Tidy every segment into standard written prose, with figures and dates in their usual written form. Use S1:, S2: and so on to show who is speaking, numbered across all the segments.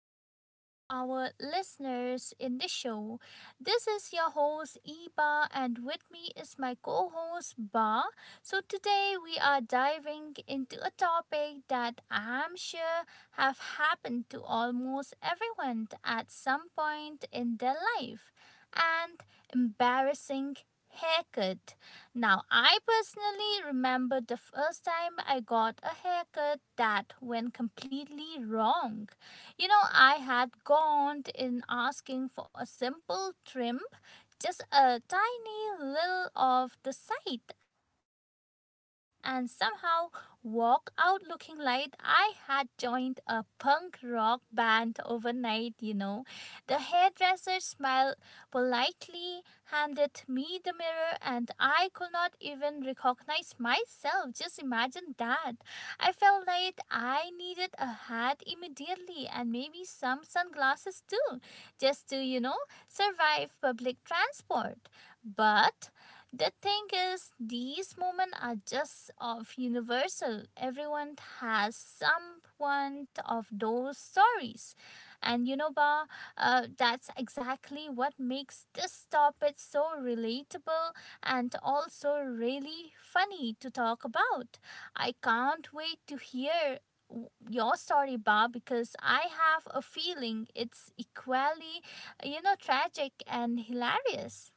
S1: back to our listeners in the show. This is your host Eba and with me is my co-host Ba. So today we are diving into a topic that I'm sure have happened to almost everyone at some point in their life. And embarrassing haircut. Now, I personally remember the first time I got a haircut that went completely wrong. I had gone in asking for a simple trim, just a tiny little of the side, and somehow walk out looking like I had joined a punk rock band overnight. The hairdresser smiled politely handed me the mirror, and I could not even recognize myself. Just imagine that. I felt like I needed a hat immediately and maybe some sunglasses too, just to survive public transport. But the thing is, these moments are just of universal. Everyone has someone of those stories. And Ba, that's exactly what makes this topic so relatable and also really funny to talk about. I can't wait to hear your story, Bob, because I have a feeling it's equally, tragic and hilarious.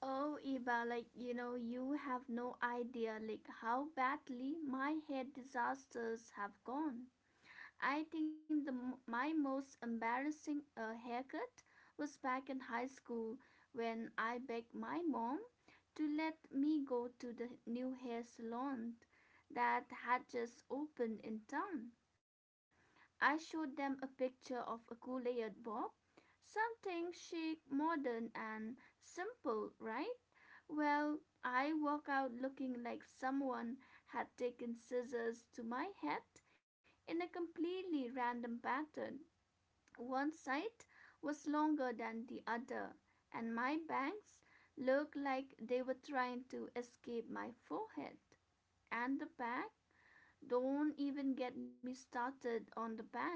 S2: Oh, Iba, like you know, you have no idea like how badly my hair disasters have gone. I think my most embarrassing haircut was back in high school when I begged my mom to let me go to the new hair salon that had just opened in town. I showed them a picture of a cool layered bob, something chic, modern, and simple, right? Well, I walk out looking like someone had taken scissors to my head in a completely random pattern. One side was longer than the other, and my bangs looked like they were trying to escape my forehead. And the bag? Don't even get me started on the bag.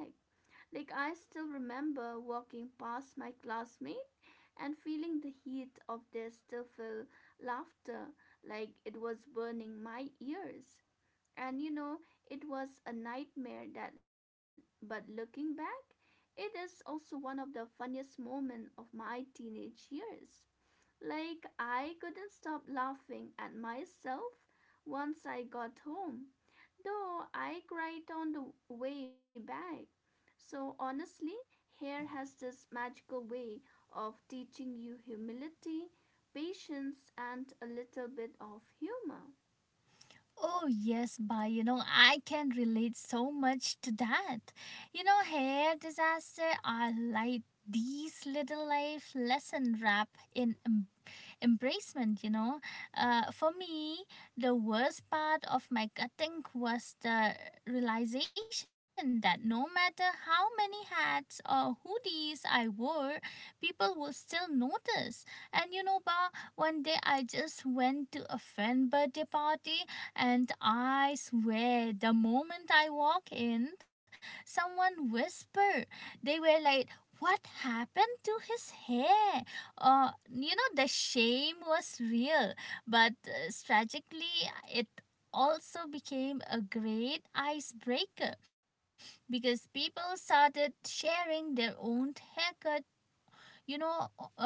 S2: Like, I still remember walking past my classmate and feeling the heat of their stifled laughter like it was burning my ears. And you know, it was a nightmare that but looking back, it is also one of the funniest moments of my teenage years. Like I couldn't stop laughing at myself once I got home though I cried on the way back. So honestly, hair has this magical way of teaching you humility, patience, and a little bit of humor.
S1: Oh, yes, Ba, I can relate so much to that. Hair disaster are like these little life lesson wrap in embracement. For me, the worst part of my cutting was the realization that no matter how many hats or hoodies I wore, people will still notice. And Ba, one day I just went to a friend birthday party, and I swear, the moment I walk in, someone whispered. They were like, what happened to his hair? The shame was real, but tragically, it also became a great icebreaker because people started sharing their own haircut. You know, uh,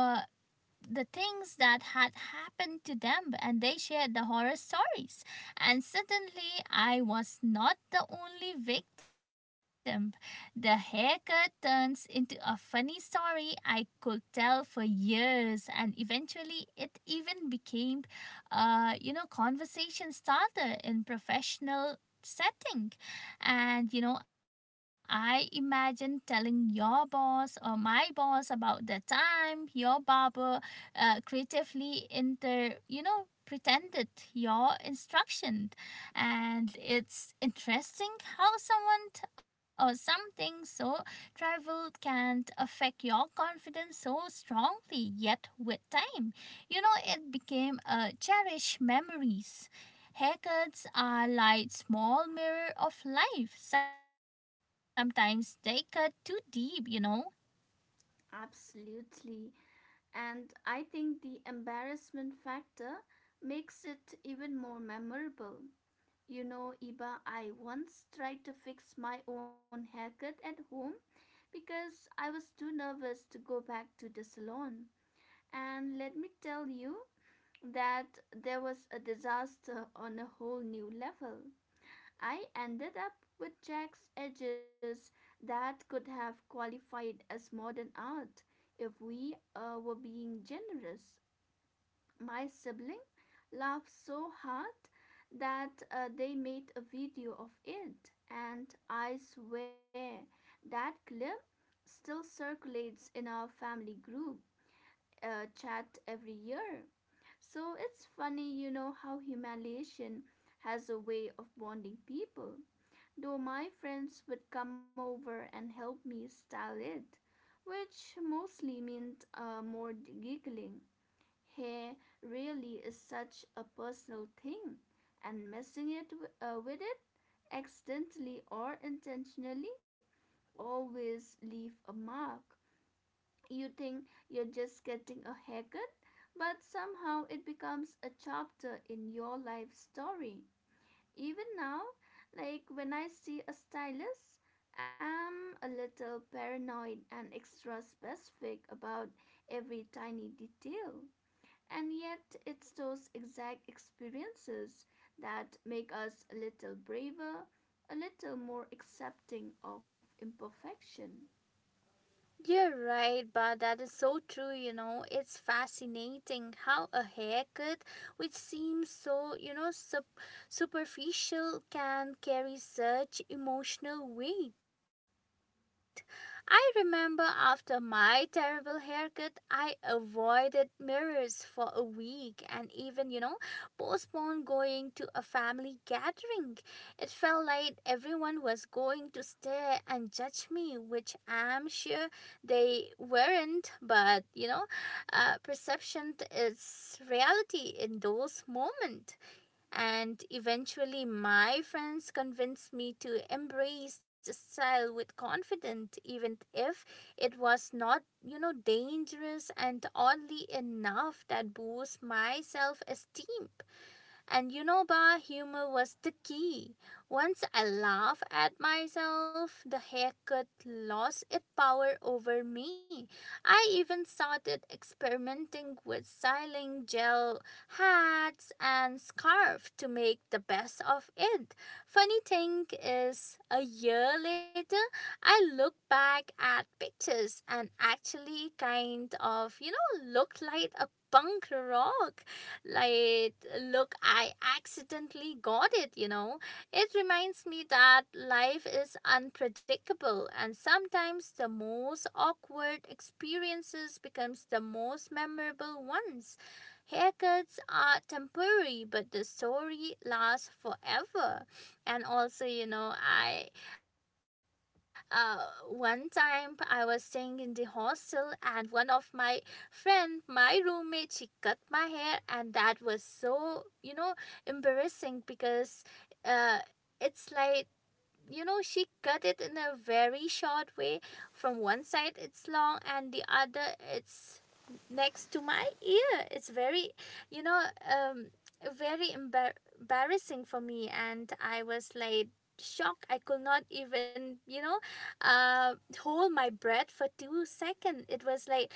S1: the things that had happened to them and they shared the horror stories. And suddenly, I was not the only victim. The haircut turns into a funny story I could tell for years, and eventually, it even became a conversation starter in professional setting. And I imagine telling your boss or my boss about the time your barber creatively pretended your instruction. And it's interesting how someone t- or something so trivial can affect your confidence so strongly. Yet with time, it became a cherished memories. Haircuts are like small mirror of life. Sometimes they cut too deep.
S2: Absolutely. And I think the embarrassment factor makes it even more memorable. You know, Iba, I once tried to fix my own haircut at home because I was too nervous to go back to the salon. And let me tell you that there was a disaster on a whole new level. I ended up with Jack's edges that could have qualified as modern art if we were being generous. My sibling laughed so hard that they made a video of it, and I swear that clip still circulates in our family group chat every year. So it's funny, you know, how humiliation has a way of bonding people. Though my friends would come over and help me style it, which mostly meant more giggling. Hair really is such a personal thing, and messing with it, accidentally or intentionally, always leave a mark. You think you're just getting a haircut, but somehow it becomes a chapter in your life story. Even now, like when I see a stylist, I'm a little paranoid and extra specific about every tiny detail. And yet, it's those exact experiences that make us a little braver, a little more accepting of imperfection.
S1: You're right, but that is so true. It's fascinating how a haircut, which seems so, superficial, can carry such emotional weight. I remember after my terrible haircut, I avoided mirrors for a week and even, postponed going to a family gathering. It felt like everyone was going to stare and judge me, which I'm sure they weren't. But perception is reality in those moments. And eventually my friends convinced me to embrace the style with confidence even if it was not dangerous. And oddly enough that boosts my self-esteem. And Ba, humor was the key. Once I laughed at myself, the haircut lost its power over me. I even started experimenting with styling gel hats and scarf to make the best of it. Funny thing is, a year later, I look back at pictures and actually kind of, looked like a punk rock like look I accidentally got it. It reminds me that life is unpredictable and sometimes the most awkward experiences becomes the most memorable ones. Haircuts are temporary but the story lasts forever. And also, you know I uh, one time I was staying in the hostel and one of my friend, my roommate, she cut my hair, and that was so, embarrassing because uh, it's like, she cut it in a very short way. From one side, it's long, and the other, it's next to my ear. It's very, you know, um, very embar- embarrassing for me, and I was like, shocked. I could not even uh hold my breath for 2 seconds. It was like,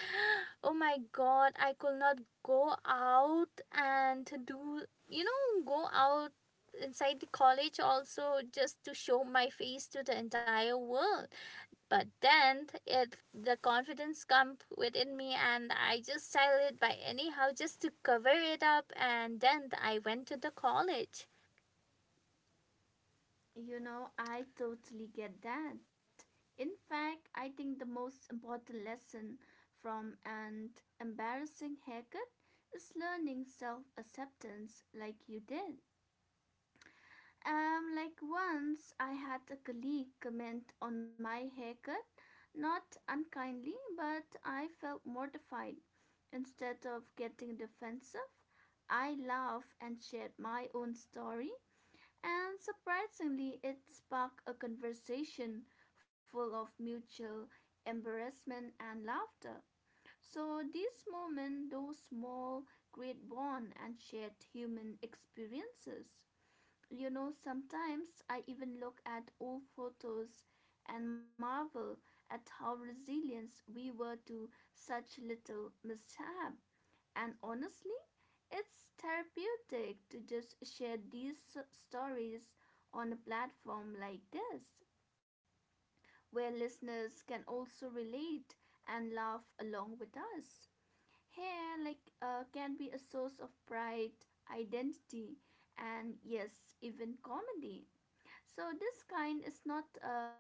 S1: oh my god, I could not go out and do you know go out inside the college, also just to show my face to the entire world. But then it the confidence come within me, and I just styled it by anyhow just to cover it up, and then I went to the college.
S2: You know, I totally get that. In fact, I think the most important lesson from an embarrassing haircut is learning self acceptance like you did. Like once I had a colleague comment on my haircut, not unkindly, but I felt mortified. Instead of getting defensive, I laughed and shared my own story and surprisingly, it sparked a conversation full of mutual embarrassment and laughter. So, these moments, those small, great bond and shared human experiences. You know, sometimes I even look at old photos and marvel at how resilient we were to such little mishap. And honestly, it's therapeutic to just share these stories on a platform like this, where listeners can also relate and laugh along with us. Hair, like, can be a source of pride, identity, and yes, even comedy. So this kind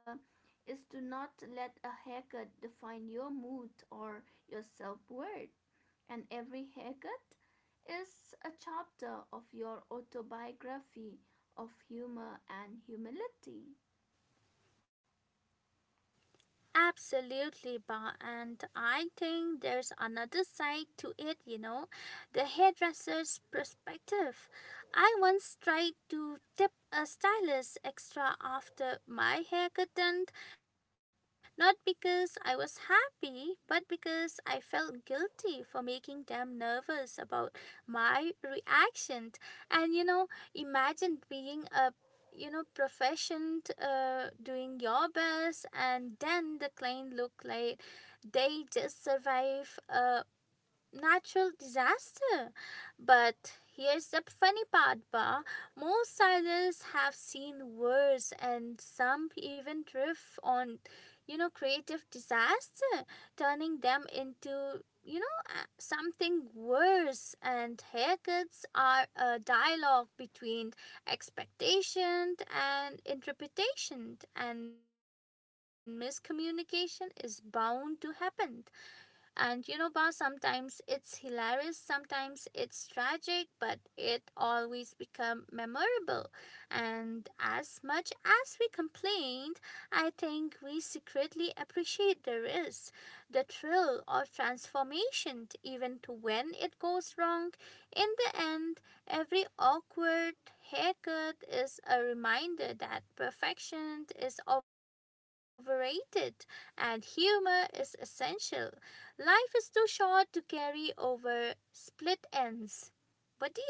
S2: is to not let a haircut define your mood or your self worth and every haircut is a chapter of your autobiography of humor and humility.
S1: Absolutely, Ba. And I think there's another side to it, the hairdresser's perspective. I once tried to tip a stylist extra after my hair got done, not because I was happy, but because I felt guilty for making them nervous about my reaction. And imagine being a proficient doing your best and then the client look like they just survive natural disaster. But here's the funny part, Ba. Most stylists have seen worse, and some even drift on, creative disaster, turning them into something worse. And haircuts are a dialogue between expectation and interpretation. And miscommunication is bound to happen. And Ba, sometimes it's hilarious, sometimes it's tragic, but it always become memorable. And as much as we complained, I think we secretly appreciate the risk, the thrill of transformation, even to when it goes wrong. In the end, every awkward haircut is a reminder that perfection is overrated and humor is essential. Life is too short to carry over split ends. What do you say?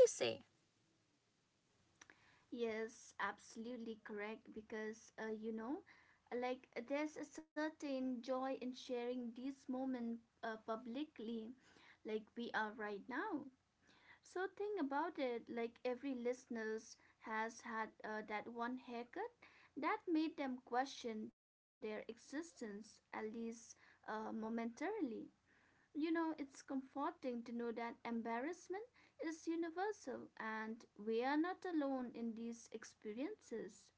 S2: Yes, absolutely correct. Because, you know, like there's a certain joy in sharing this moment publicly, like we are right now. So think about it like every listeners has had that one haircut that made them question their existence at least momentarily. You know, it's comforting to know that embarrassment is universal and we are not alone in these experiences.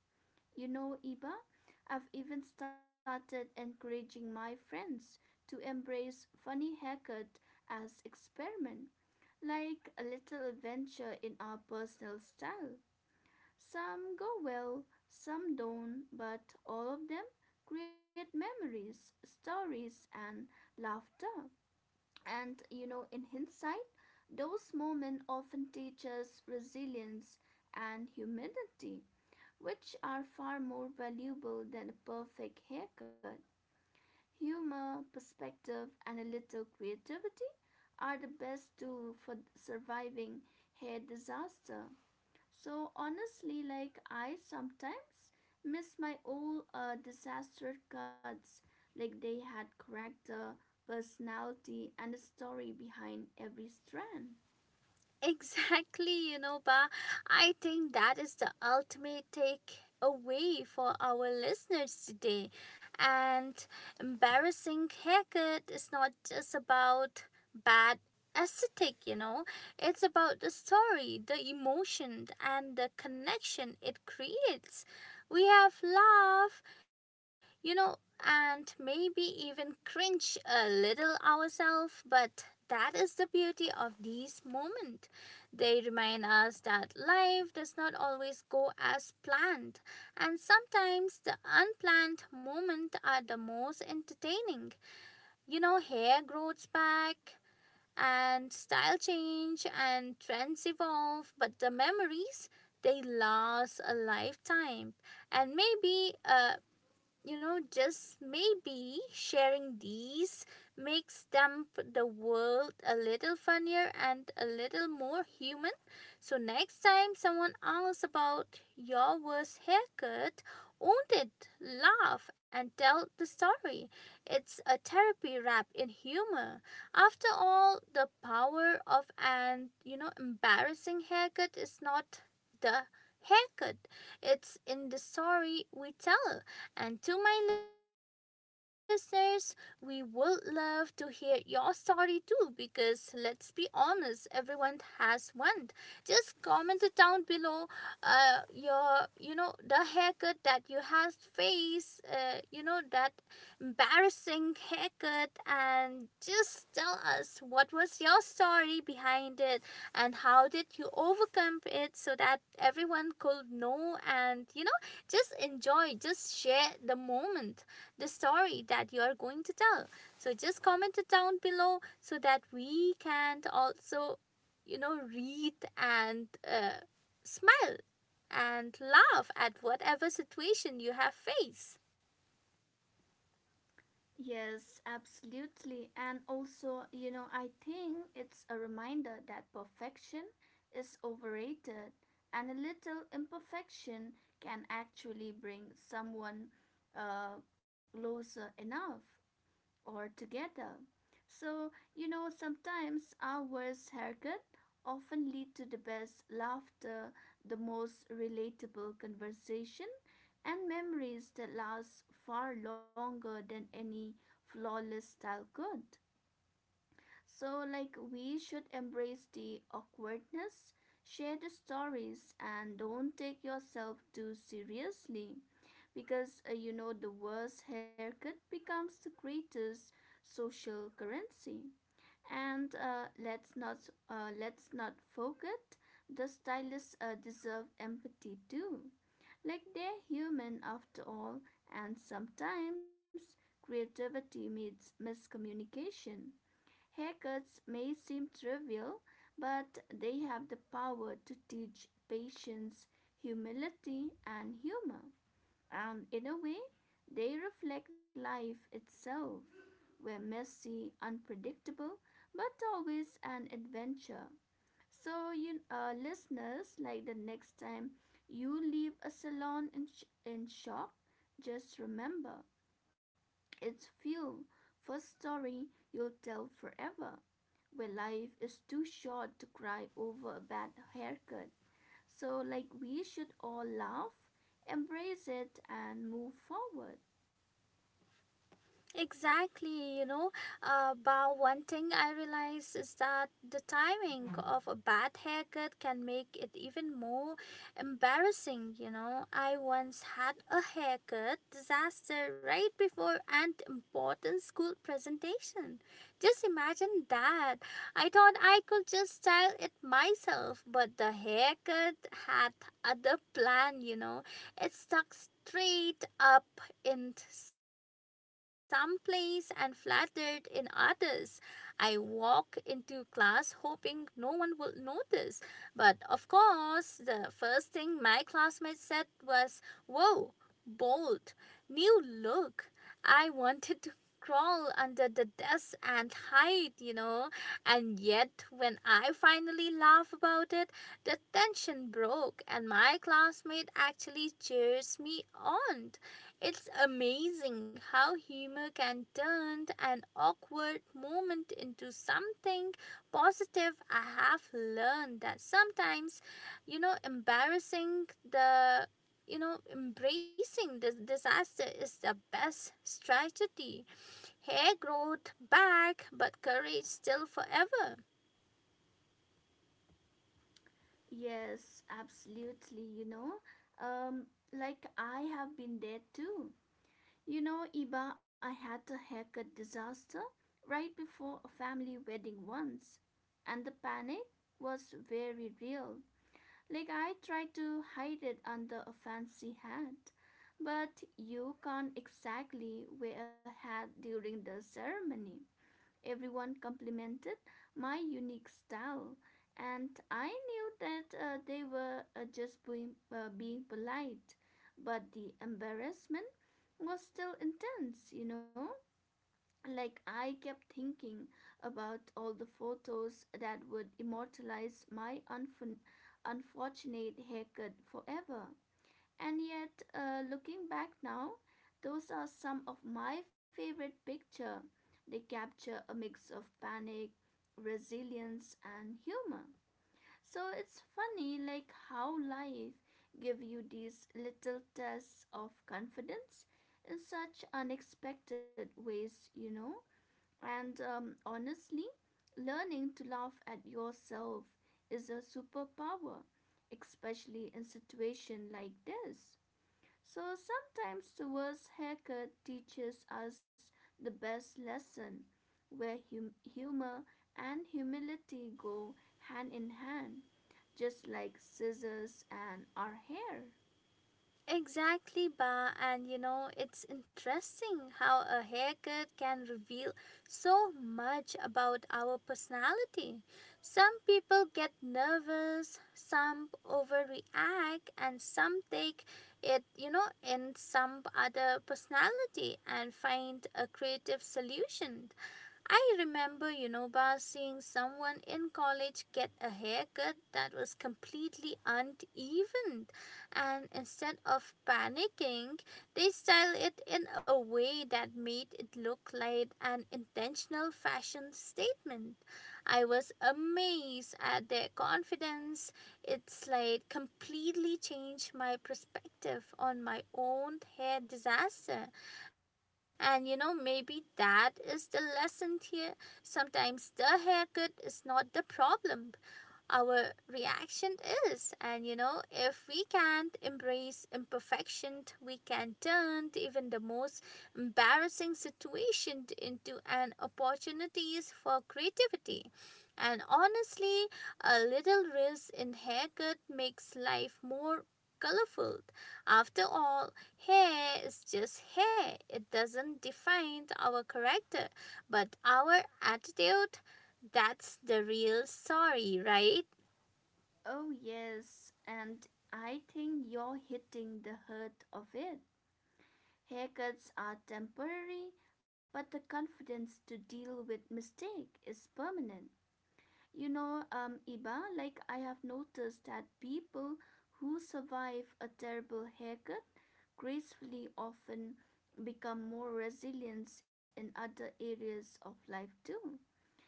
S2: You know, Iba, I've even started encouraging my friends to embrace funny haircut as experiment like a little adventure in our personal style. Some go well, some don't, but all of them create memories, stories, and laughter. And you know, in hindsight, those moments often teach us resilience and humility, which are far more valuable than a perfect haircut. Humor, perspective, and a little creativity are the best tool for surviving hair disaster. So honestly, like I sometimes miss my old disaster cuts, like they had character, personality, and a story behind every strand.
S1: Exactly, Ba. I think that is the ultimate takeaway for our listeners today. And embarrassing haircut is not just about bad aesthetic, it's about the story, the emotion, and the connection it creates. We have laugh, you know, and maybe even cringe a little ourselves, but that is the beauty of these moments. They remind us that life does not always go as planned, and sometimes the unplanned moments are the most entertaining. Hair grows back, and style change, and trends evolve, but the memories they last a lifetime. And maybe just maybe sharing these makes them the world a little funnier and a little more human. So next time someone asks about your worst haircut, own it, laugh and tell the story. It's a therapy wrapped in humor. After all, the power of an, embarrassing haircut is not the haircut. It's in the story we tell. And to my listeners, we would love to hear your story too because let's be honest, everyone has one. Just comment it down below the haircut that you have faced, that embarrassing haircut and just tell us what was your story behind it and how did you overcome it so that everyone could know, and just enjoy, just share the moment, the story that you are going to tell. So just comment it down below so that we can also, read and smile and laugh at whatever situation you have faced.
S2: Yes, absolutely. And also, you know, I think it's a reminder that perfection is overrated and a little imperfection can actually bring someone uh, closer enough or together. So, you know, sometimes our worst haircut often lead to the best laughter, the most relatable conversation, and memories that last far longer than any flawless style could. So, like, we should embrace the awkwardness, share the stories, and don't take yourself too seriously because you know the worst haircut becomes the greatest social currency and let's not forget the stylists deserve empathy too like they're human after all and sometimes creativity meets miscommunication haircuts may seem trivial but they have the power to teach patience humility and humor and in a way, they reflect life itself. Where messy, unpredictable, but always an adventure. So, you listeners, like the next time you leave a salon in shock, just remember it's fuel for story you'll tell forever. Where life is too short to cry over a bad haircut. So, like, we should all laugh, embrace it, and move forward.
S1: Exactly. But one thing I realize is that the timing of a bad haircut can make it even more embarrassing. I once had a haircut disaster right before an important school presentation. Just imagine that. I thought I could just style it myself, but the haircut had other plan. It stuck straight up in some place and flattered in others. I walk into class hoping no one will notice. But of course, the first thing my classmates said was, Whoa, bold, new look. I wanted to crawl under the desk and hide. And yet, when I finally laugh about it, the tension broke, and my classmate actually cheers me on. It's amazing how humor can turn an awkward moment into something positive. I have learned that sometimes, you know, embarrassing the you know, embracing this disaster is the best strategy. Hair growth back, but courage still forever.
S2: Yes, absolutely. You know, um, like I have been there too. You know, Iba, I had a haircut disaster right before a family wedding once, and the panic was very real. Like, I tried to hide it under a fancy hat, but you can't exactly wear a hat during the ceremony. Everyone complimented my unique style, and I knew that they were just being polite. But the embarrassment was still intense, you know? Like, I kept thinking about all the photos that would immortalize my unfortunate haircut forever. And yet, looking back now, those are some of my favorite picture. They capture a mix of panic, resilience, and humor. So it's funny, like how life give you these little tests of confidence in such unexpected ways, you know. And honestly, learning to laugh at yourself is a superpower, especially in situation like this. So sometimes the worst haircut teaches us the best lesson, where humor and humility go hand in hand, just like scissors and our hair.
S1: Exactly, Ba. And it's interesting how a haircut can reveal so much about our personality. Some people get nervous, some overreact, and some take it, in some other personality and find a creative solution. I remember, Ba, seeing someone in college get a haircut that was completely uneven. And instead of panicking, they styled it in a way that made it look like an intentional fashion statement. I was amazed at their confidence. It's like completely changed my perspective on my own hair disaster. And maybe that is the lesson here. Sometimes the haircut is not the problem, our reaction is. And if we can't embrace imperfection, we can turn even the most embarrassing situation into an opportunities for creativity. And honestly, a little risk in haircut makes life more colorful. After all, hair is just hair. It doesn't define our character, but our attitude, that's the real story, right?
S2: Oh, yes, and I think you're hitting the heart of it. Haircuts are temporary, but the confidence to deal with mistake is permanent. You know, Iba, like I have noticed that people who survive a terrible haircut gracefully often become more resilient in other areas of life too.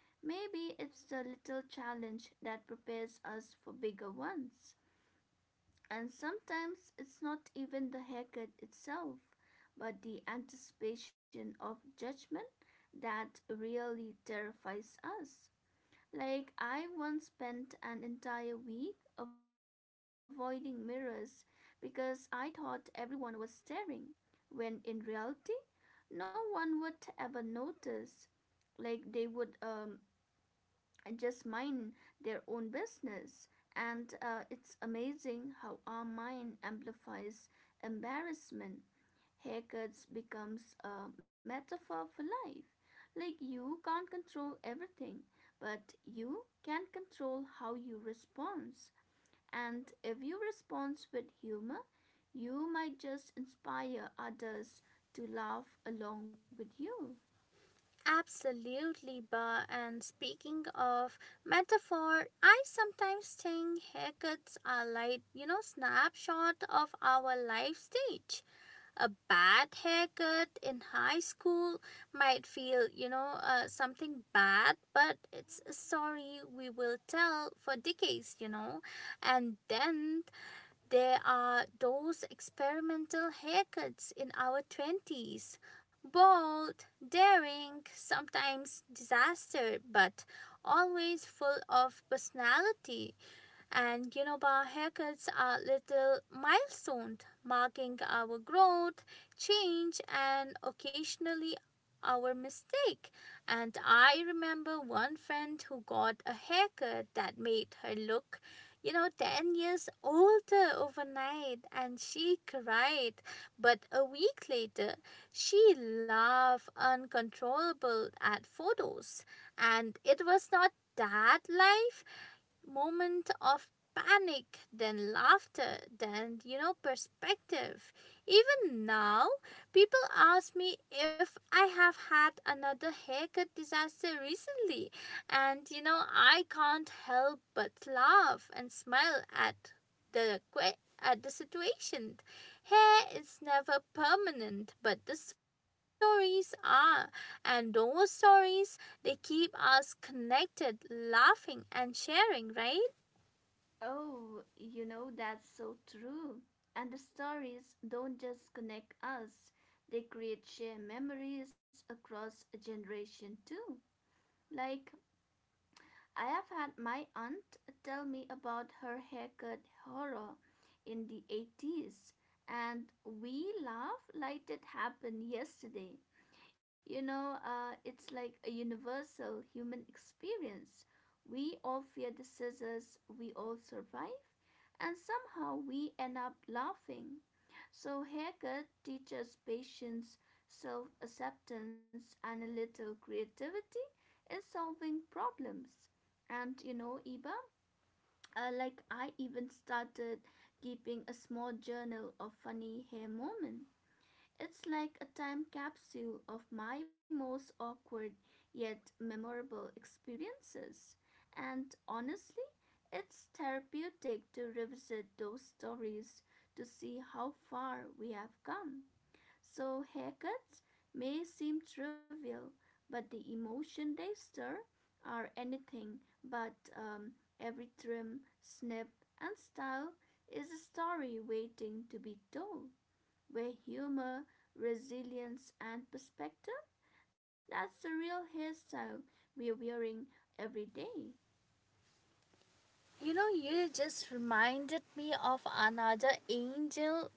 S2: Maybe it's the little challenge that prepares us for bigger ones. And sometimes it's not even the haircut itself, but the anticipation of judgment that really terrifies us. Like, I once spent an entire week avoiding mirrors because I thought everyone was staring, when in reality, no one would ever notice. Like, they would just mind their own business. And it's amazing how our mind amplifies embarrassment haircuts becomes a metaphor for life. Like you can't control everything, but you can control how you respond. And if you respond with humor, you might just inspire others to laugh along with you.
S1: Absolutely, Ba. And speaking of metaphor, I sometimes think haircuts are like snapshot of our life stage. A bad haircut in high school might feel, something bad, but it's a story we will tell for decades, And then there are those experimental haircuts in our 20s, bold, daring, sometimes disaster, but always full of personality. And you know, our haircuts are little milestones marking our growth, change, and occasionally our mistake. And I remember one friend who got a haircut that made her look, 10 years older overnight, and she cried. But a week later, she laughed uncontrollable at photos. And it was not that life, moment of panic, then laughter, then, perspective. Even now, people ask me if I have had another haircut disaster recently. And, I can't help but laugh and smile at the the situation. Hair is never permanent, but the stories are, and those stories, they keep us connected, laughing and sharing, right?
S2: Oh, you know, that's so true. And the stories don't just connect us, they create shared memories across a generation too. Like I have had my aunt tell me about her haircut horror in the 80s, and we laugh like it happened yesterday. You know, it's like a universal human experience. We all fear the scissors, we all survive and somehow we end up laughing. So, haircut teaches patience, self acceptance, and a little creativity in solving problems. And you know, Iba, like I even started keeping a small journal of funny hair moments. It's like a time capsule of my most awkward yet memorable experiences. And honestly, it's therapeutic to revisit those stories to see how far we have come. So, haircuts may seem trivial, but the emotion they stir are anything but. Every trim, snip, and style is a story waiting to be told where humor, resilience, and perspective that's the real hairstyle we're wearing every day.
S1: You know, you just reminded me of another angel,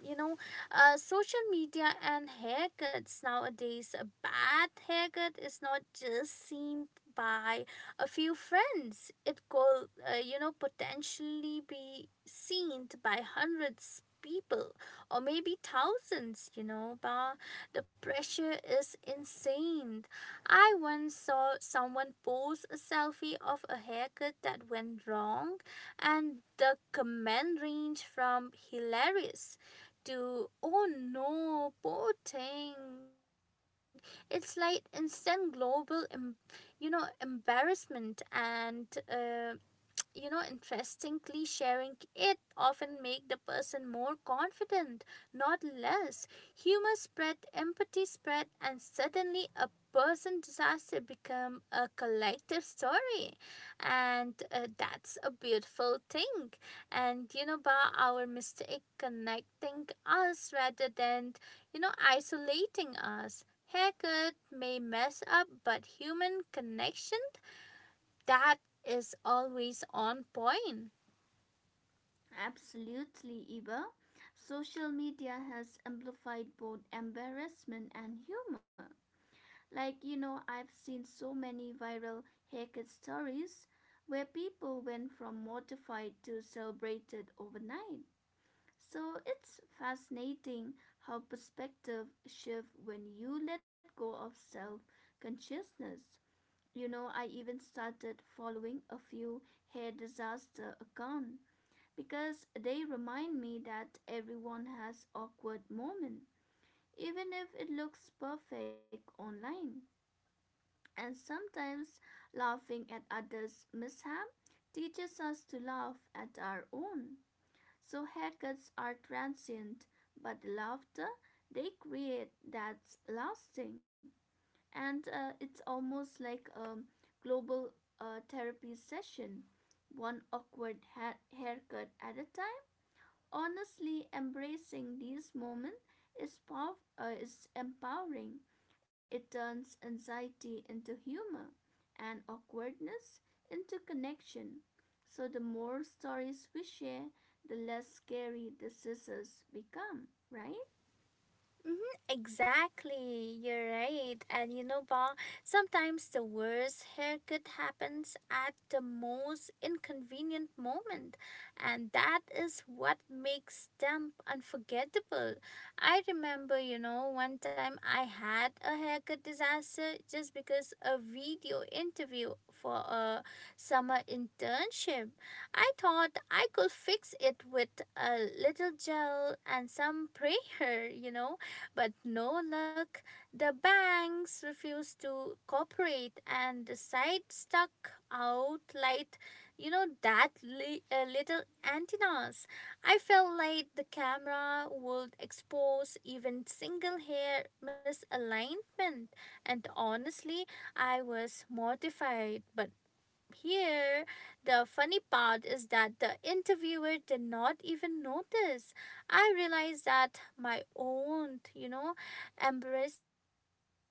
S1: you know social media and haircuts nowadays, a bad haircut is not just seen by a few friends. It could, potentially be seen by hundreds people or maybe thousands, but the pressure is insane. I once saw someone post a selfie of a haircut that went wrong, and the comment range from hilarious do, "Oh no, poor thing." It's like instant global, embarrassment. And. You know Interestingly, sharing it often make the person more confident, not less. Humor spread, empathy spread, and suddenly a person disaster become a collective story. And That's a beautiful thing. And you know by our mistake connecting us rather than, isolating us. Haircut may mess up, but human connection, that is always on point.
S2: Absolutely, Iba. Social media has amplified both embarrassment and humor. Like, you know, I've seen so many viral haircut stories where people went from mortified to celebrated overnight. So it's fascinating how perspective shift when you let go of self consciousness. You know, I even started following a few hair disaster accounts because they remind me that everyone has awkward moments, even if it looks perfect online. And sometimes laughing at others' mishap teaches us to laugh at our own. So haircuts are transient, but the laughter they create that's lasting. And it's almost like a global therapy session, one awkward haircut at a time. Honestly, embracing these moments is, is empowering. It turns anxiety into humor and awkwardness into connection. So, the more stories we share, the less scary the scissors become, right?
S1: Exactly, you're right. And you know, Ba, sometimes the worst haircut happens at the most inconvenient moment, and that is what makes them unforgettable. I remember, one time I had a haircut disaster just because a video interview for a summer internship. I thought I could fix it with a little gel and some prayer, but no luck. The banks refused to cooperate and the site stuck out like, little antennas. I felt like the camera would expose even single hair misalignment. And honestly, I was mortified, but here, the funny part is that the interviewer did not even notice. I realized that my own, embarrassment had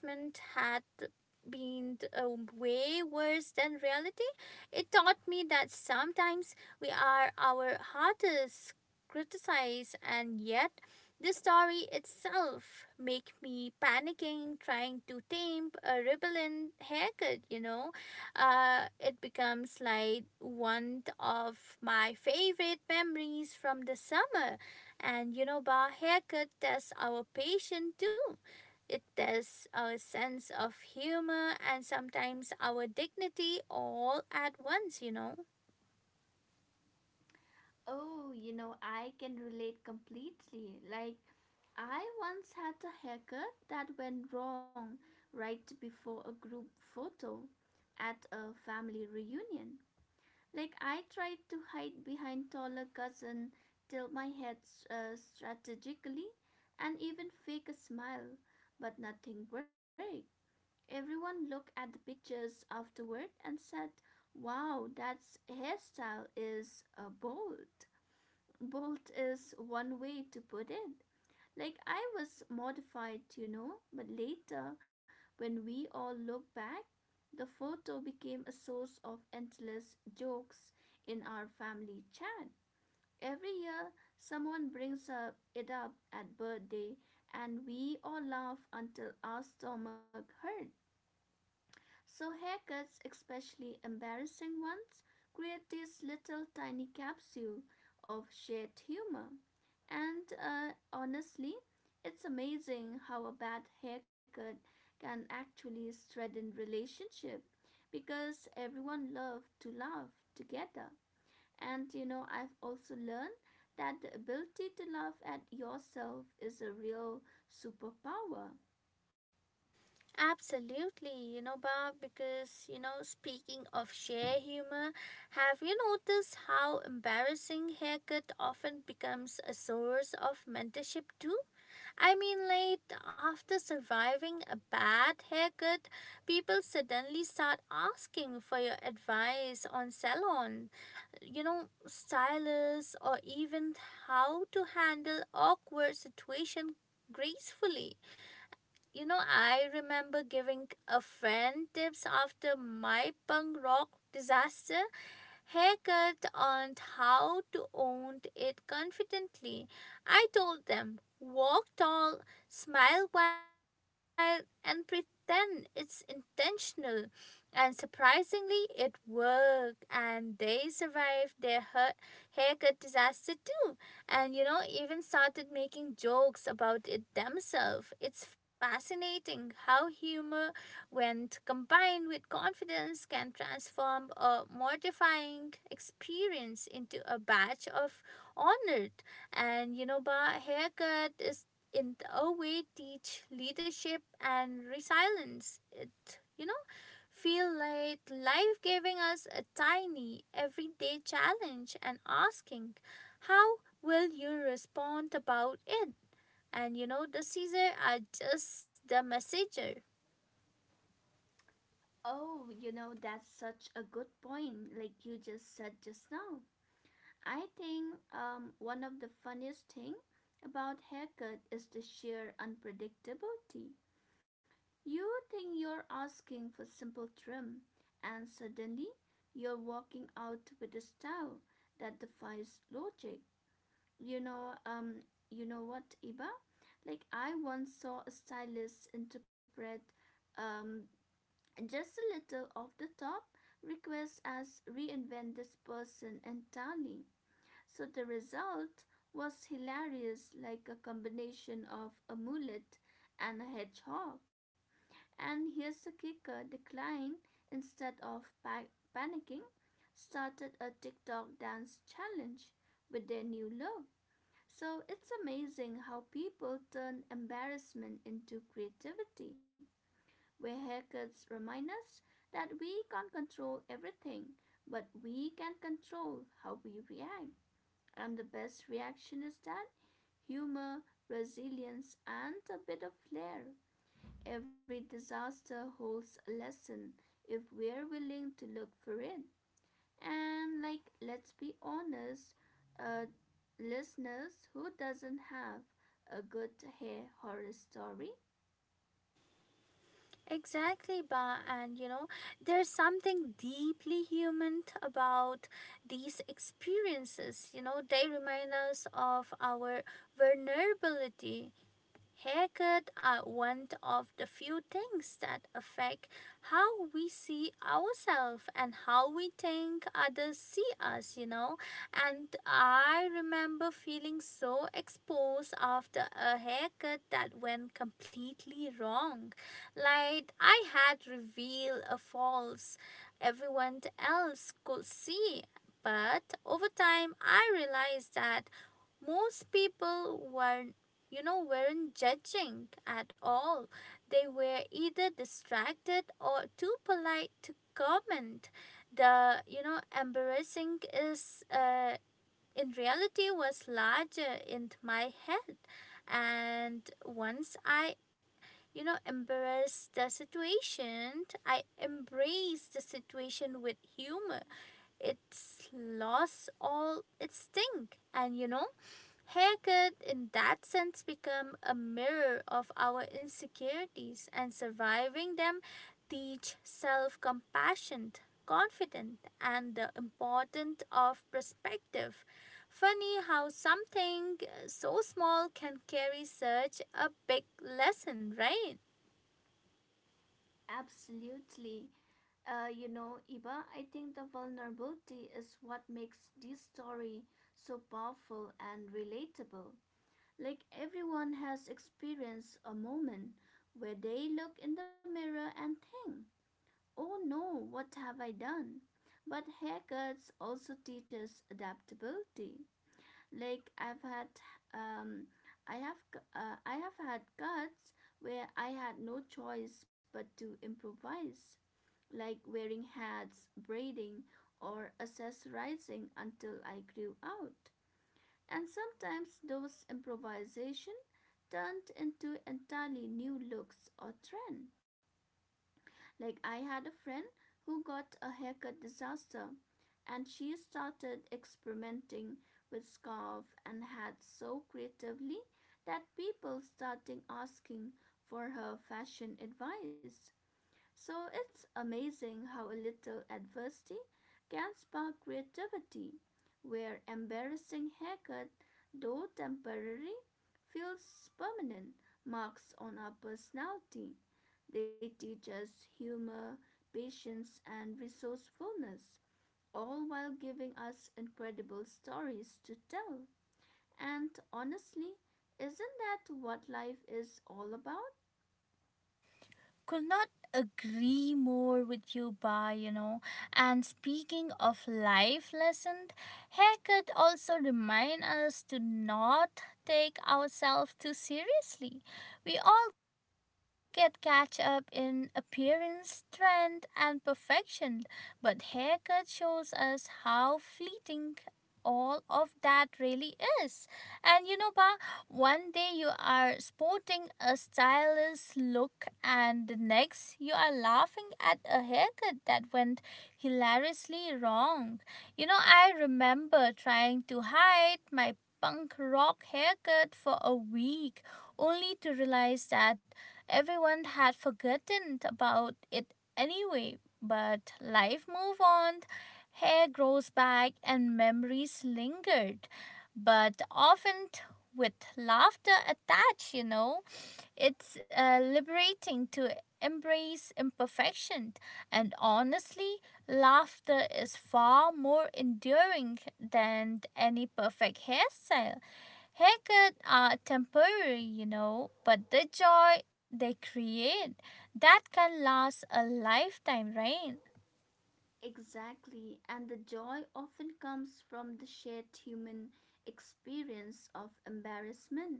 S1: been, way worse than reality. It taught me that sometimes we are our hardest criticized, and yet the story itself make me panicking, trying to tame a rebellion haircut. It becomes like one of my favorite memories from the summer. And you know, bar haircut tests our patience too. It tests our sense of humor and sometimes our dignity all at once,
S2: Oh, you know, I can relate completely. Like, I once had a haircut that went wrong right before a group photo at a family reunion. Like I tried to hide behind taller cousin till my head strategically and even fake a smile, but nothing worked. Everyone looked at the pictures afterward and said, "Wow, that hairstyle is bold." Bold is one way to put it. Like I was mortified, you know, but later when we all look back, the photo became a source of endless jokes in our family chat. Every year, someone brings up it up at birthday, and we all laugh until our stomach hurts. So haircuts, especially embarrassing ones, create this little tiny capsule of shared humor. And honestly, it's amazing how a bad haircut can actually strengthen relationship because everyone loves to laugh together. And you know, I've also learned that the ability to laugh at yourself is a real superpower.
S1: Absolutely, you know, Bob, because, you know, speaking of sheer humor, have you noticed how embarrassing haircut often becomes a source of mentorship too? I mean, like, after surviving a bad haircut, people suddenly start asking for your advice on salon, stylists, or even how to handle awkward situation gracefully. You know, I remember giving a friend tips after my punk rock disaster haircut and how to own it confidently. I told them, walk tall, smile wild, and pretend it's intentional. And surprisingly, it worked, and they survived their haircut disaster too. And you know, even started making jokes about it themselves. It's fascinating how humor, when combined with confidence, can transform a mortifying experience into a badge of honor. And you know, ba, haircut is, in a way, teach leadership and resilience. It, you know feel like life giving us a tiny everyday challenge and asking, how will you respond about it? And you know, the caesar are just the messenger.
S2: Oh, you know, that's such a good point, like you just said just now. I think one of the funniest thing about haircut is the sheer unpredictability. You think you're asking for simple trim, and suddenly you're walking out with a style that defies logic. You know, um, you know what, Iba? Like I once saw a stylist interpret um, just a little off the top request us reinvent this person entirely. So the result was hilarious, like a combination of a mullet and a hedgehog. And here's the kicker: the client, instead of panicking, started a TikTok dance challenge with their new look. So it's amazing how people turn embarrassment into creativity where haircuts remind us that we can't control everything, but we can control how we react. And the best reaction is that humor, resilience, and a bit of flair. Every disaster holds a lesson if we're willing to look for it. And, like, let's be honest, uh, listeners who doesn't have a good hair horror story?
S1: Exactly, Ba. And you know, there's something deeply human about these experiences. You know, they remind us of our vulnerability. Haircut are one of the few things that affect how we see ourselves and how we think others see us, And I remember feeling so exposed after a haircut that went completely wrong. Like I had revealed a false everyone else could see. But over time, I realized that most people weren't you know weren't judging at all. They were either distracted or too polite to comment. The, embarrassing is, in reality was larger in my head. And once I, you know embarrass the situation I embrace the situation with humor, it's lost all its sting. And you know, hair could, in that sense, become a mirror of our insecurities, and surviving them teach self compassion, confidence, and the importance of perspective. Funny how something so small can carry such a big lesson, right?
S2: Absolutely. You know, Iba, I think the vulnerability is what makes this story so powerful and relatable. Like everyone has experienced a moment where they look in the mirror and think, "Oh no, what have I done?" But haircuts also teaches adaptability. Like um, I have had cuts where I had no choice but to improvise like wearing hats, braiding, or accessorizing until I grew out. And sometimes those improvisation turned into entirely new looks or trend. Like I had a friend who got a haircut disaster and she started experimenting with scarf and hats so creatively that people started asking for her fashion advice. So it's amazing how a little adversity can spark creativity, where embarrassing haircut, though temporary, feels permanent marks on our personality. They teach us humor, patience, and resourcefulness, all while giving us incredible stories to tell. And honestly, isn't that what life is all about?
S1: Could not agree more with you, Ba. You know, and speaking of life lessons, haircut also remind us to not take ourselves too seriously. We all get catch up in appearance trend and perfection, but haircut shows us how fleeting all of that really is. And you know, Ba, one day you are sporting a stylish look, and the next you are laughing at a haircut that went hilariously wrong. You know, I remember trying to hide my punk rock haircut for a week only to realize that everyone had forgotten about it anyway. But life move on, hair grows back and memories lingered, but often with laughter attached, It's liberating to embrace imperfection, and honestly, laughter is far more enduring than any perfect hairstyle. Haircuts are temporary, but the joy they create, that can last a lifetime, right?
S2: Exactly, and the joy often comes from the shared human experience of embarrassment.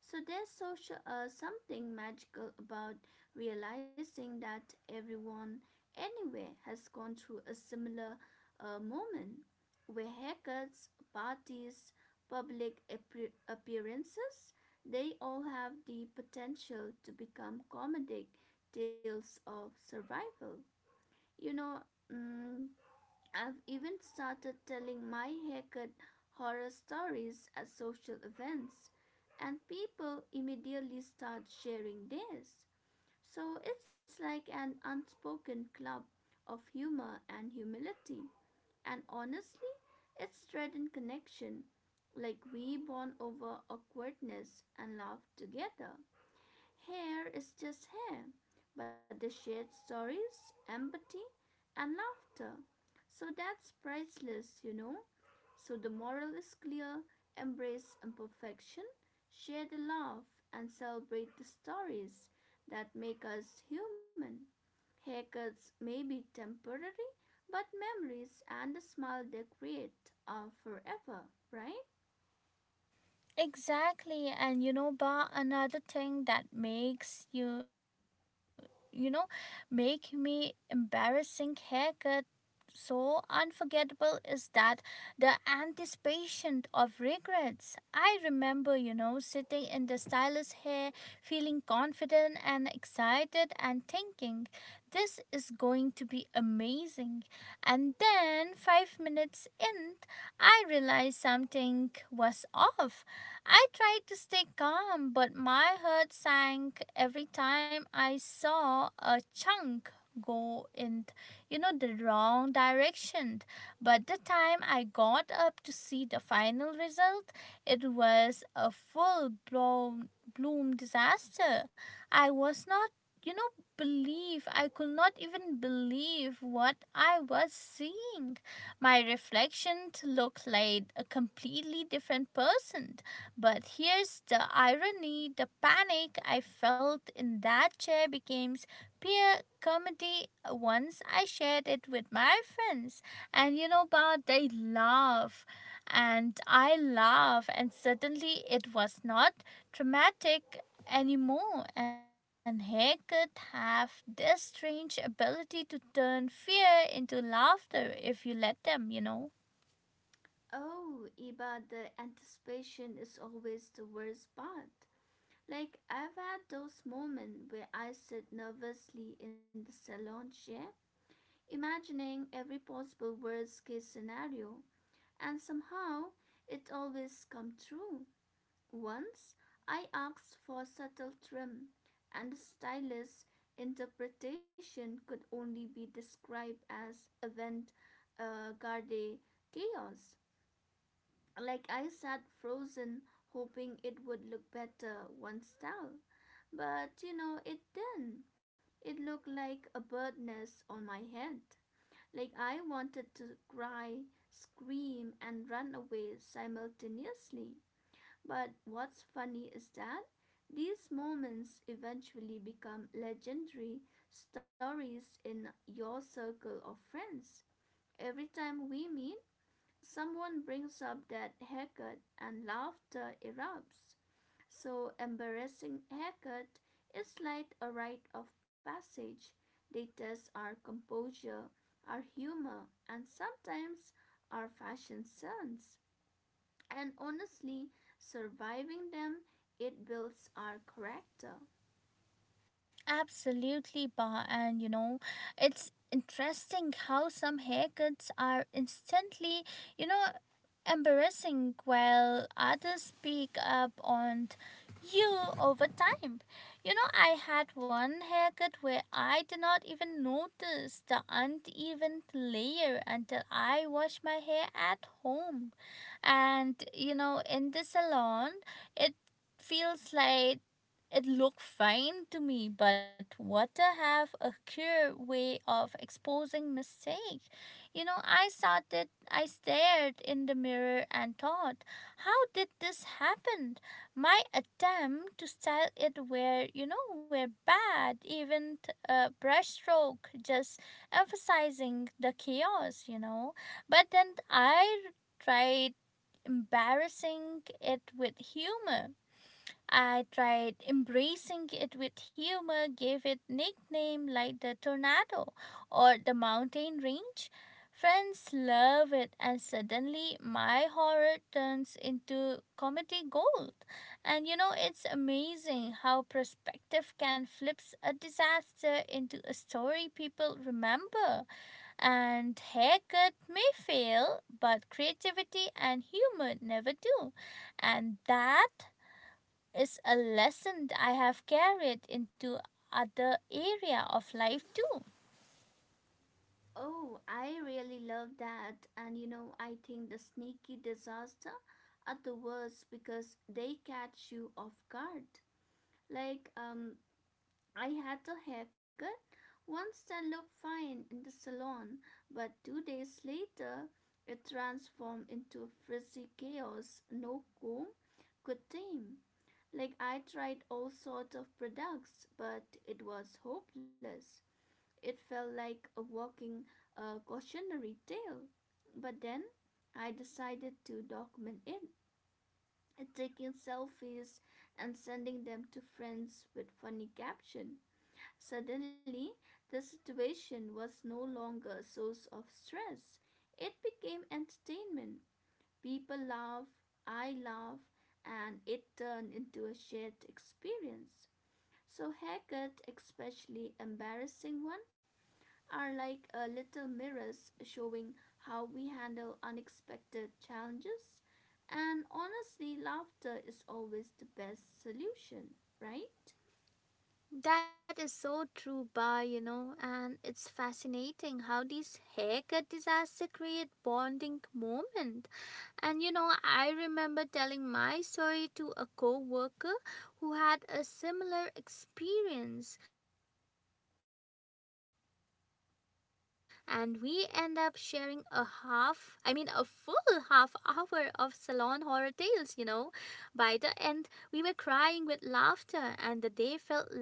S2: So there's social, something magical about realizing that everyone anywhere has gone through a similar moment where haircuts, parties, public appearances, they all have the potential to become comedic tales of survival. You know, mm, I've even started telling my haircut horror stories at social events, and people immediately start sharing theirs. So it's like an unspoken club of humor and humility. And honestly, it's strengthened connection, like we bond over awkwardness and laugh together. Hair is just hair, but they shared stories, empathy, and laughter. So that's priceless, you know. So the moral is clear embrace imperfection, share the love, and celebrate the stories that make us human. Haircuts may be temporary, but memories and the smile they create are forever, right?
S1: Exactly, and you know, Ba, another thing that makes you know, make me embarrassing haircut so unforgettable is that the anticipation of regrets. I remember, sitting in the stylus hair, feeling confident and excited, and thinking, this is going to be amazing. And then, five minutes in, I realized something was off. I tried to stay calm, but my heart sank every time I saw a chunk go in, the wrong direction. But the time I got up to see the final result, it was a full blown bloom disaster. I was not you know believe i could not even believe what I was seeing. My reflection looked like a completely different person. But here's the irony, the panic I felt in that chair became peer comedy once I shared it with my friends. And you know but they laugh and I laugh, and suddenly it was not traumatic anymore. And haircut have this strange ability to turn fear into laughter if you let them,
S2: Oh, Iba, the anticipation is always the worst part. Like I've had those moments where I sit nervously in the salon chair, imagining every possible worst case scenario, and somehow it always come true. Once I asked for a subtle trim, and the stylist's interpretation could only be described as avant garde chaos. Like I sat frozen, hoping it would look better once styled. But you know, it didn't. It looked like a bird nest on my head. Like I wanted to cry, scream, and run away simultaneously. But what's funny is that these moments eventually become legendary stories in your circle of friends. Every time we meet, someone brings up that haircut and laughter erupts. So, embarrassing haircut is like a rite of passage. They test our composure, our humor, and sometimes our fashion sense. And honestly, surviving them, it builds our character.
S1: Absolutely, Ba. And you know, it's interesting how some haircuts are instantly, you know, embarrassing while others pick up on you over time. You know, I had one haircut where I did not even notice the uneven layer until I washed my hair at home. And you know, in the salon, it feels like it looked fine to me, but what to have a clear way of exposing mistake. You know, I stared in the mirror and thought, how did this happen? My attempt to style it were, were bad, even a brushstroke just emphasizing the chaos, But then tried embarrassing it with humor I tried embracing it with humor, gave it nickname like the tornado or the mountain range. Friends love it, and suddenly my horror turns into comedy gold. And you know, it's amazing how perspective can flips a disaster into a story people remember. And haircut may fail, but creativity and humor never do. And that is a lesson that I have carried into other area of life too.
S2: Oh, I really love that. And you know, I think the sneaky disaster are the worst because they catch you off guard. Like, I had a haircut once that looked fine in the salon, but two days later it transformed into a frizzy chaos no comb could tame. Like I tried all sorts of products, but it was hopeless. It felt like a walking cautionary tale. But then I decided to document it, taking selfies and sending them to friends with funny caption. Suddenly, the situation was no longer a source of stress. It became entertainment. People laugh, I laugh, and it turned into a shared experience. So, haircut, especially embarrassing one, are like a little mirrors showing how we handle unexpected challenges. And honestly, laughter is always the best solution, right?
S1: That is so true, Ba, you know, and it's fascinating how these haircut disasters create bonding moment. And you know, I remember telling my story to a co worker who had a similar experience, and we end up sharing a full half hour of salon horror tales, By the end, we were crying with laughter, and the day felt lighter somehow.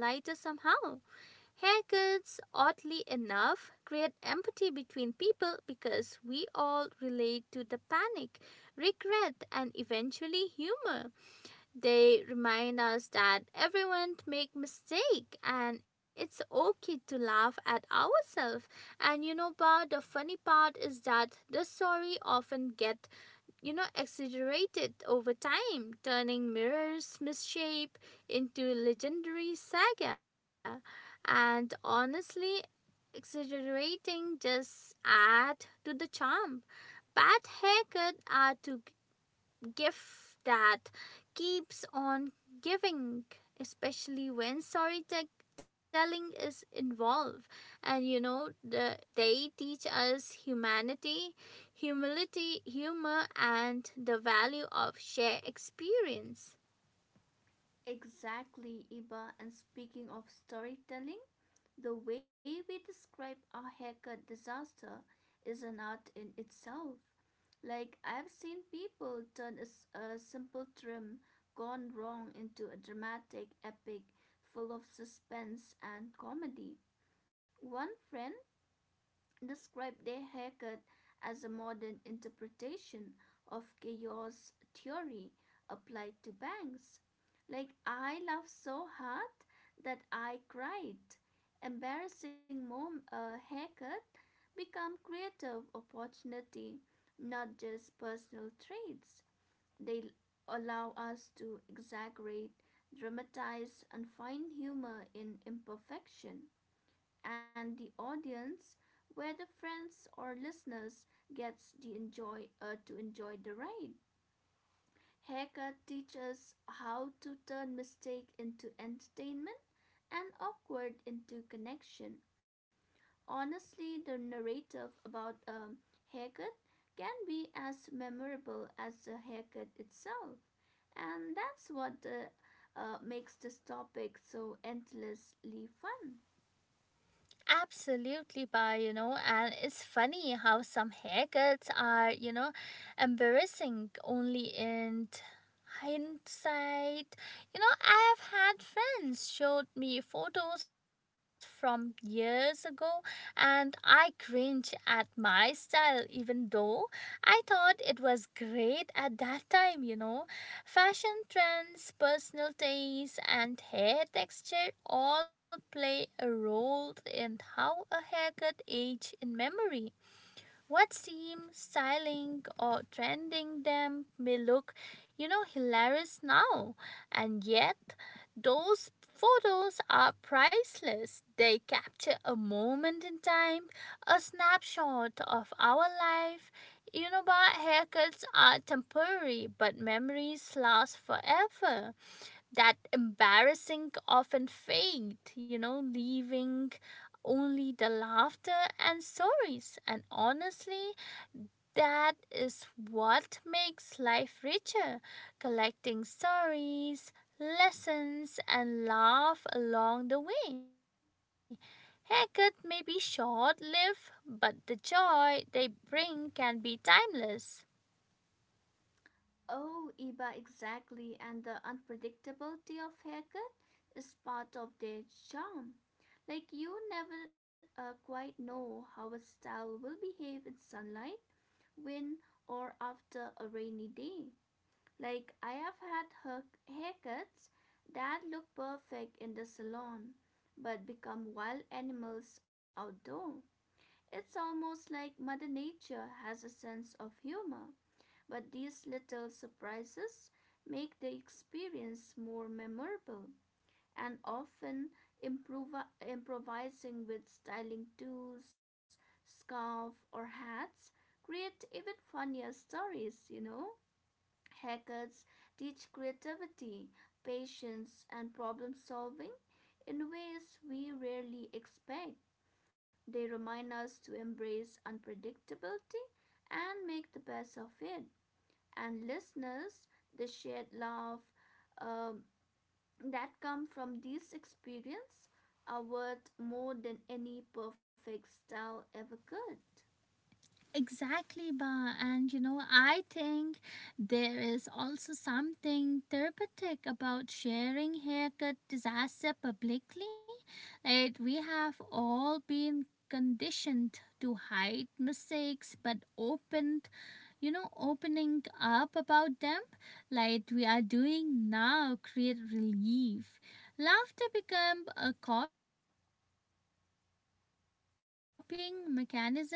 S1: Haircuts, oddly enough, create empathy between people because we all relate to the panic, regret, and eventually humor. They remind us that everyone make mistake and it's okay to laugh at ourselves. And you know, but the funny part is that the story often get, exaggerated over time, turning Mirror's misshape into legendary saga. And honestly, exaggerating just add to the charm. Bad haircut are too gift that keeps on giving, especially when storytelling is involved. And you know, they teach us humanity, humility, humor, and the value of shared experience.
S2: Exactly, Iba. And speaking of storytelling, the way we describe our haircut disaster is an art in itself. Like, I've seen people turn a simple trim gone wrong into a dramatic epic full of suspense and comedy. One friend described their haircut as a modern interpretation of chaos theory applied to banks. Like, I laughed so hard that I cried. Embarrassing mom haircut become creative opportunity, not just personal traits. They allow us to exaggerate, dramatize, and find humor in imperfection and the audience, whether friends or listeners, gets the enjoy to enjoy the ride. Haircut teaches how to turn mistake into entertainment and awkward into connection. Honestly, the narrative about a haircut can be as memorable as the haircut itself, and that's what makes this topic so endlessly fun.
S1: Absolutely, by and it's funny how some haircuts are, embarrassing only in hindsight. You know, I have had friends showed me photos from years ago and I cringe at my style even though I thought it was great at that time. Fashion trends, personal taste and hair texture all play a role in how a haircut age in memory. What seems styling or trending them may look, hilarious now, and yet those photos are priceless. They capture a moment in time, a snapshot of our life. You know, but haircuts are temporary, but memories last forever. That embarrassing often fade, leaving only the laughter and stories. And honestly, that is what makes life richer, collecting stories, lessons, and laugh along the way. Haircut may be short lived, but the joy they bring can be timeless.
S2: Oh, Iba, exactly. And the unpredictability of haircut is part of their charm. Like you never quite know how a style will behave in sunlight, wind, or after a rainy day. Like I have had her haircuts that look perfect in the salon, but become wild animals outdoor. It's almost like Mother Nature has a sense of humor but these little surprises make the experience more memorable and often improvising with styling tools, scarf or hats create even funnier stories, you know. Haircuts teach creativity, patience and problem solving in ways we rarely expect. They remind us to embrace unpredictability and make the best of it and listeners the shared love um, that come from these experience are worth more than any perfect style ever could.
S1: Exactly, Ba. And you know, I think there is also something therapeutic about sharing haircut disaster publicly. Like, we have all been conditioned to hide mistakes but opened, opening up about them like we are doing now, create relief. Laughter become a coping mechanism, transforming stress into joy.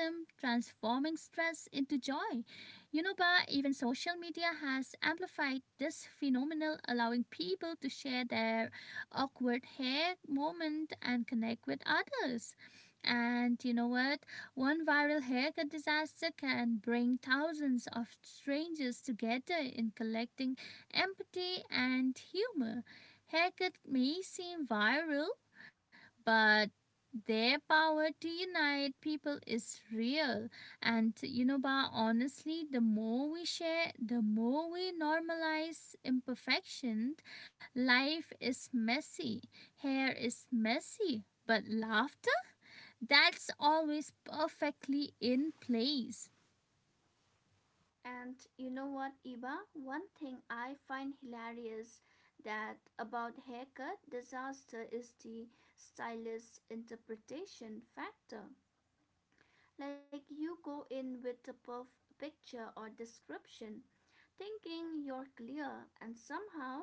S1: You know, Ba, even social media has amplified this phenomenon, allowing people to share their awkward hair moment and connect with others. And you know what? One viral haircut disaster can bring thousands of strangers together in collecting empathy and humor. Haircut may seem viral, but their power to unite people is real. And you know, ba, honestly, the more we share, the more we normalize imperfection. Life is messy, hair is messy, but laughter, that's always perfectly in place.
S2: And you know what, Iba, one thing I find hilarious that about haircut disaster is the stylist interpretation factor like you go in with a picture or description thinking you're clear, and somehow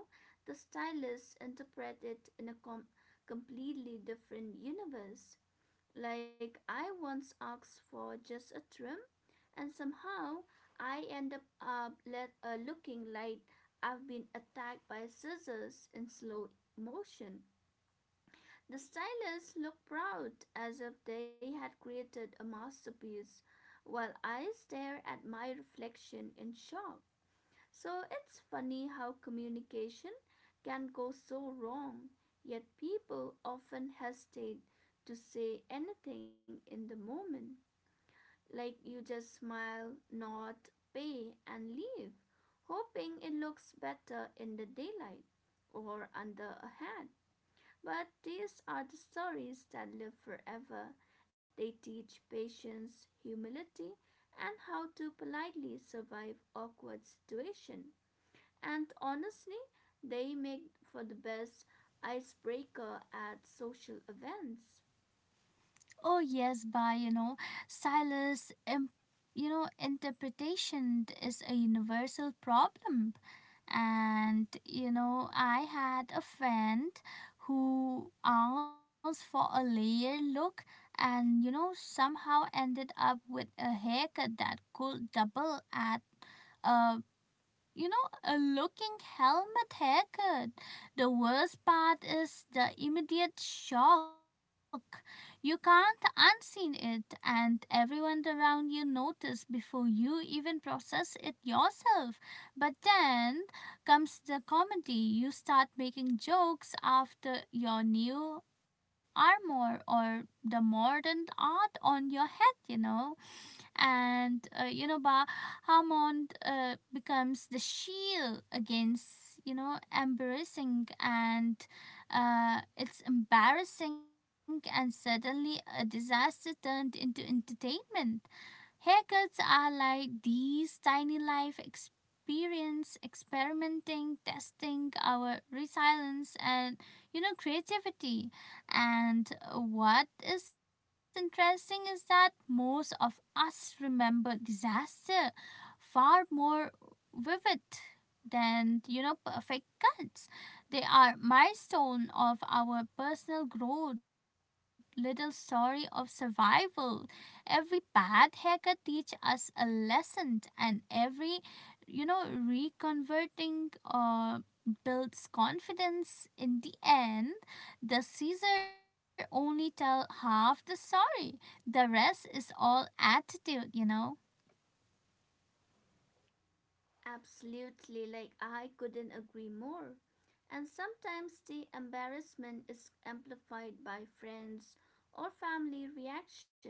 S2: the stylist interprets it in a completely different universe. Like, I once asked for just a trim, and somehow I end up looking like I've been attacked by scissors in slow motion. The stylists look proud as if they had created a masterpiece, while I stare at my reflection in shock. So it's funny how communication can go so wrong, yet people often hesitate to say anything in the moment. Like you just smile, nod, pay, and leave, hoping it looks better in the daylight or under a hat. But these are the stories that live forever. They teach patience, humility, and how to politely survive awkward situations. And honestly, they make for the best icebreaker at social events.
S1: Oh yes, ba, you know, silas imp- you know, interpretation is a universal problem. And you know, I had a friend who asked for a layered look, and you know, somehow ended up with a haircut that could double at a, a looking helmet haircut. The worst part is the immediate shock. You can't unseen it, and everyone around you notice before you even process it yourself. But then comes the comedy. You start making jokes after your new armor or the modern art on your head, you know. And you know, Ba, Hammond becomes the shield against, you know, embarrassing, and it's embarrassing, and suddenly a disaster turned into entertainment. Haircuts are like these tiny life experience, experimenting, testing our resilience and, you know, creativity. And what is interesting is that most of us remember disaster far more vivid than, you know, perfect cuts. They are milestone of our personal growth, little story of survival. Every bad haircut teach us a lesson, and every, you know, reconverting builds confidence. In the end, the caesar only tell half the story, the rest is all attitude, you know.
S2: Absolutely, like I couldn't agree more. And sometimes the embarrassment is amplified by friends or family reaction.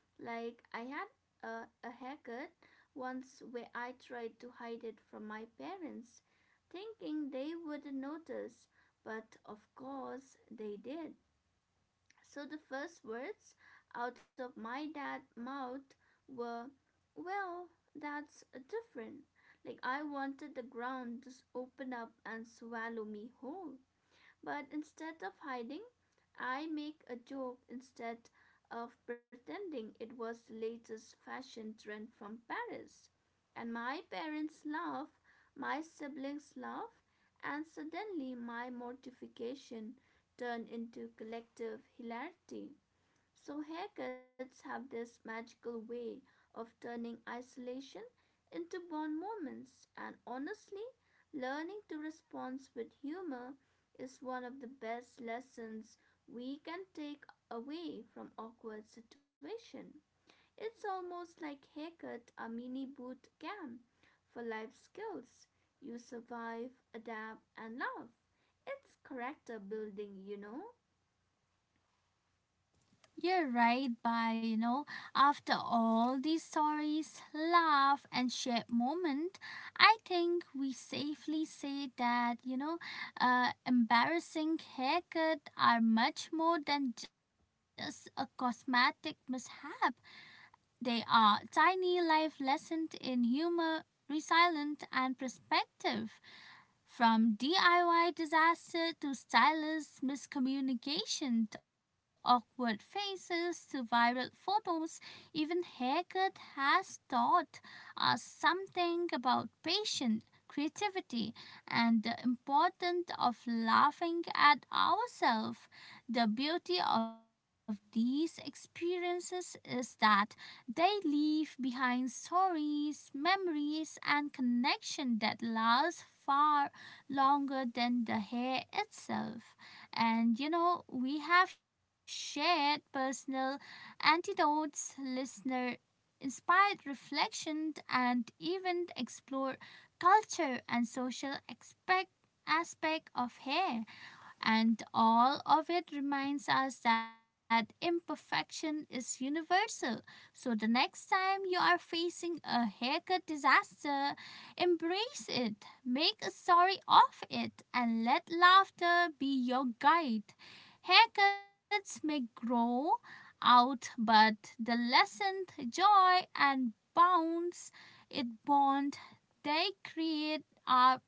S2: Like I had a haircut once where I tried to hide it from my parents, thinking they wouldn't notice, but of course they did. So the first words out of my dad's mouth were, "Well, that's different." Like I wanted the ground to open up and swallow me whole. But instead of hiding, I make a joke instead of pretending it was the latest fashion trend from Paris. And my parents laugh, my siblings laugh, and suddenly my mortification turned into collective hilarity. So, haircuts have this magical way of turning isolation into bond moments, and honestly, learning to respond with humor is one of the best lessons we can take away from awkward situation. It's almost like haircut a mini boot camp for life skills. You survive, adapt, and laugh. It's character building, you know.
S1: You're right, by you know, after all these stories, laugh, and shared moment, I think we safely say that, embarrassing haircut are much more than just a cosmetic mishap. They are tiny life lessons in humor, resilience, and perspective. From DIY disaster to stylist miscommunication, to awkward faces to viral photos, even haircut has taught us something about patience, creativity, and the importance of laughing at ourselves. The beauty of these experiences is that they leave behind stories, memories, and connection that last far longer than the hair itself. And you know, we have shared personal antidotes, listener inspired reflection, and even explored culture and social aspect of hair. And all of it reminds us that imperfection is universal. So the next time you are facing a haircut disaster, embrace it, make a story of it, and let laughter be your guide. Haircuts may grow out, but the lessened joy and bounce it bond they create are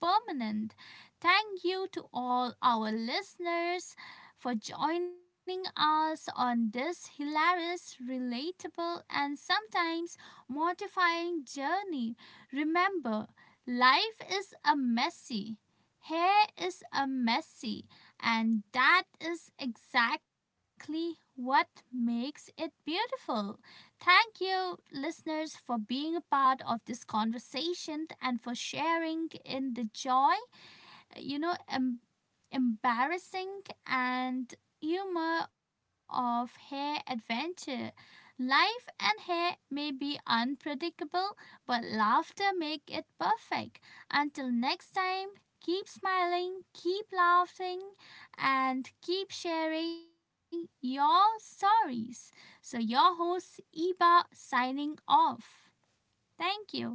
S1: permanent. Thank you to all our listeners for joining us on this hilarious, relatable, and sometimes mortifying journey. Remember, life is a messy. Hair is a messy, and that is exactly what makes it beautiful. Thank you, listeners, for being a part of this conversation and for sharing in the joy, you know, em- embarrassing and humor of hair adventure. Life and hair may be unpredictable, but laughter make it perfect. Until next time, keep smiling, keep laughing, and keep sharing your stories. So your host Iba signing off. Thank you.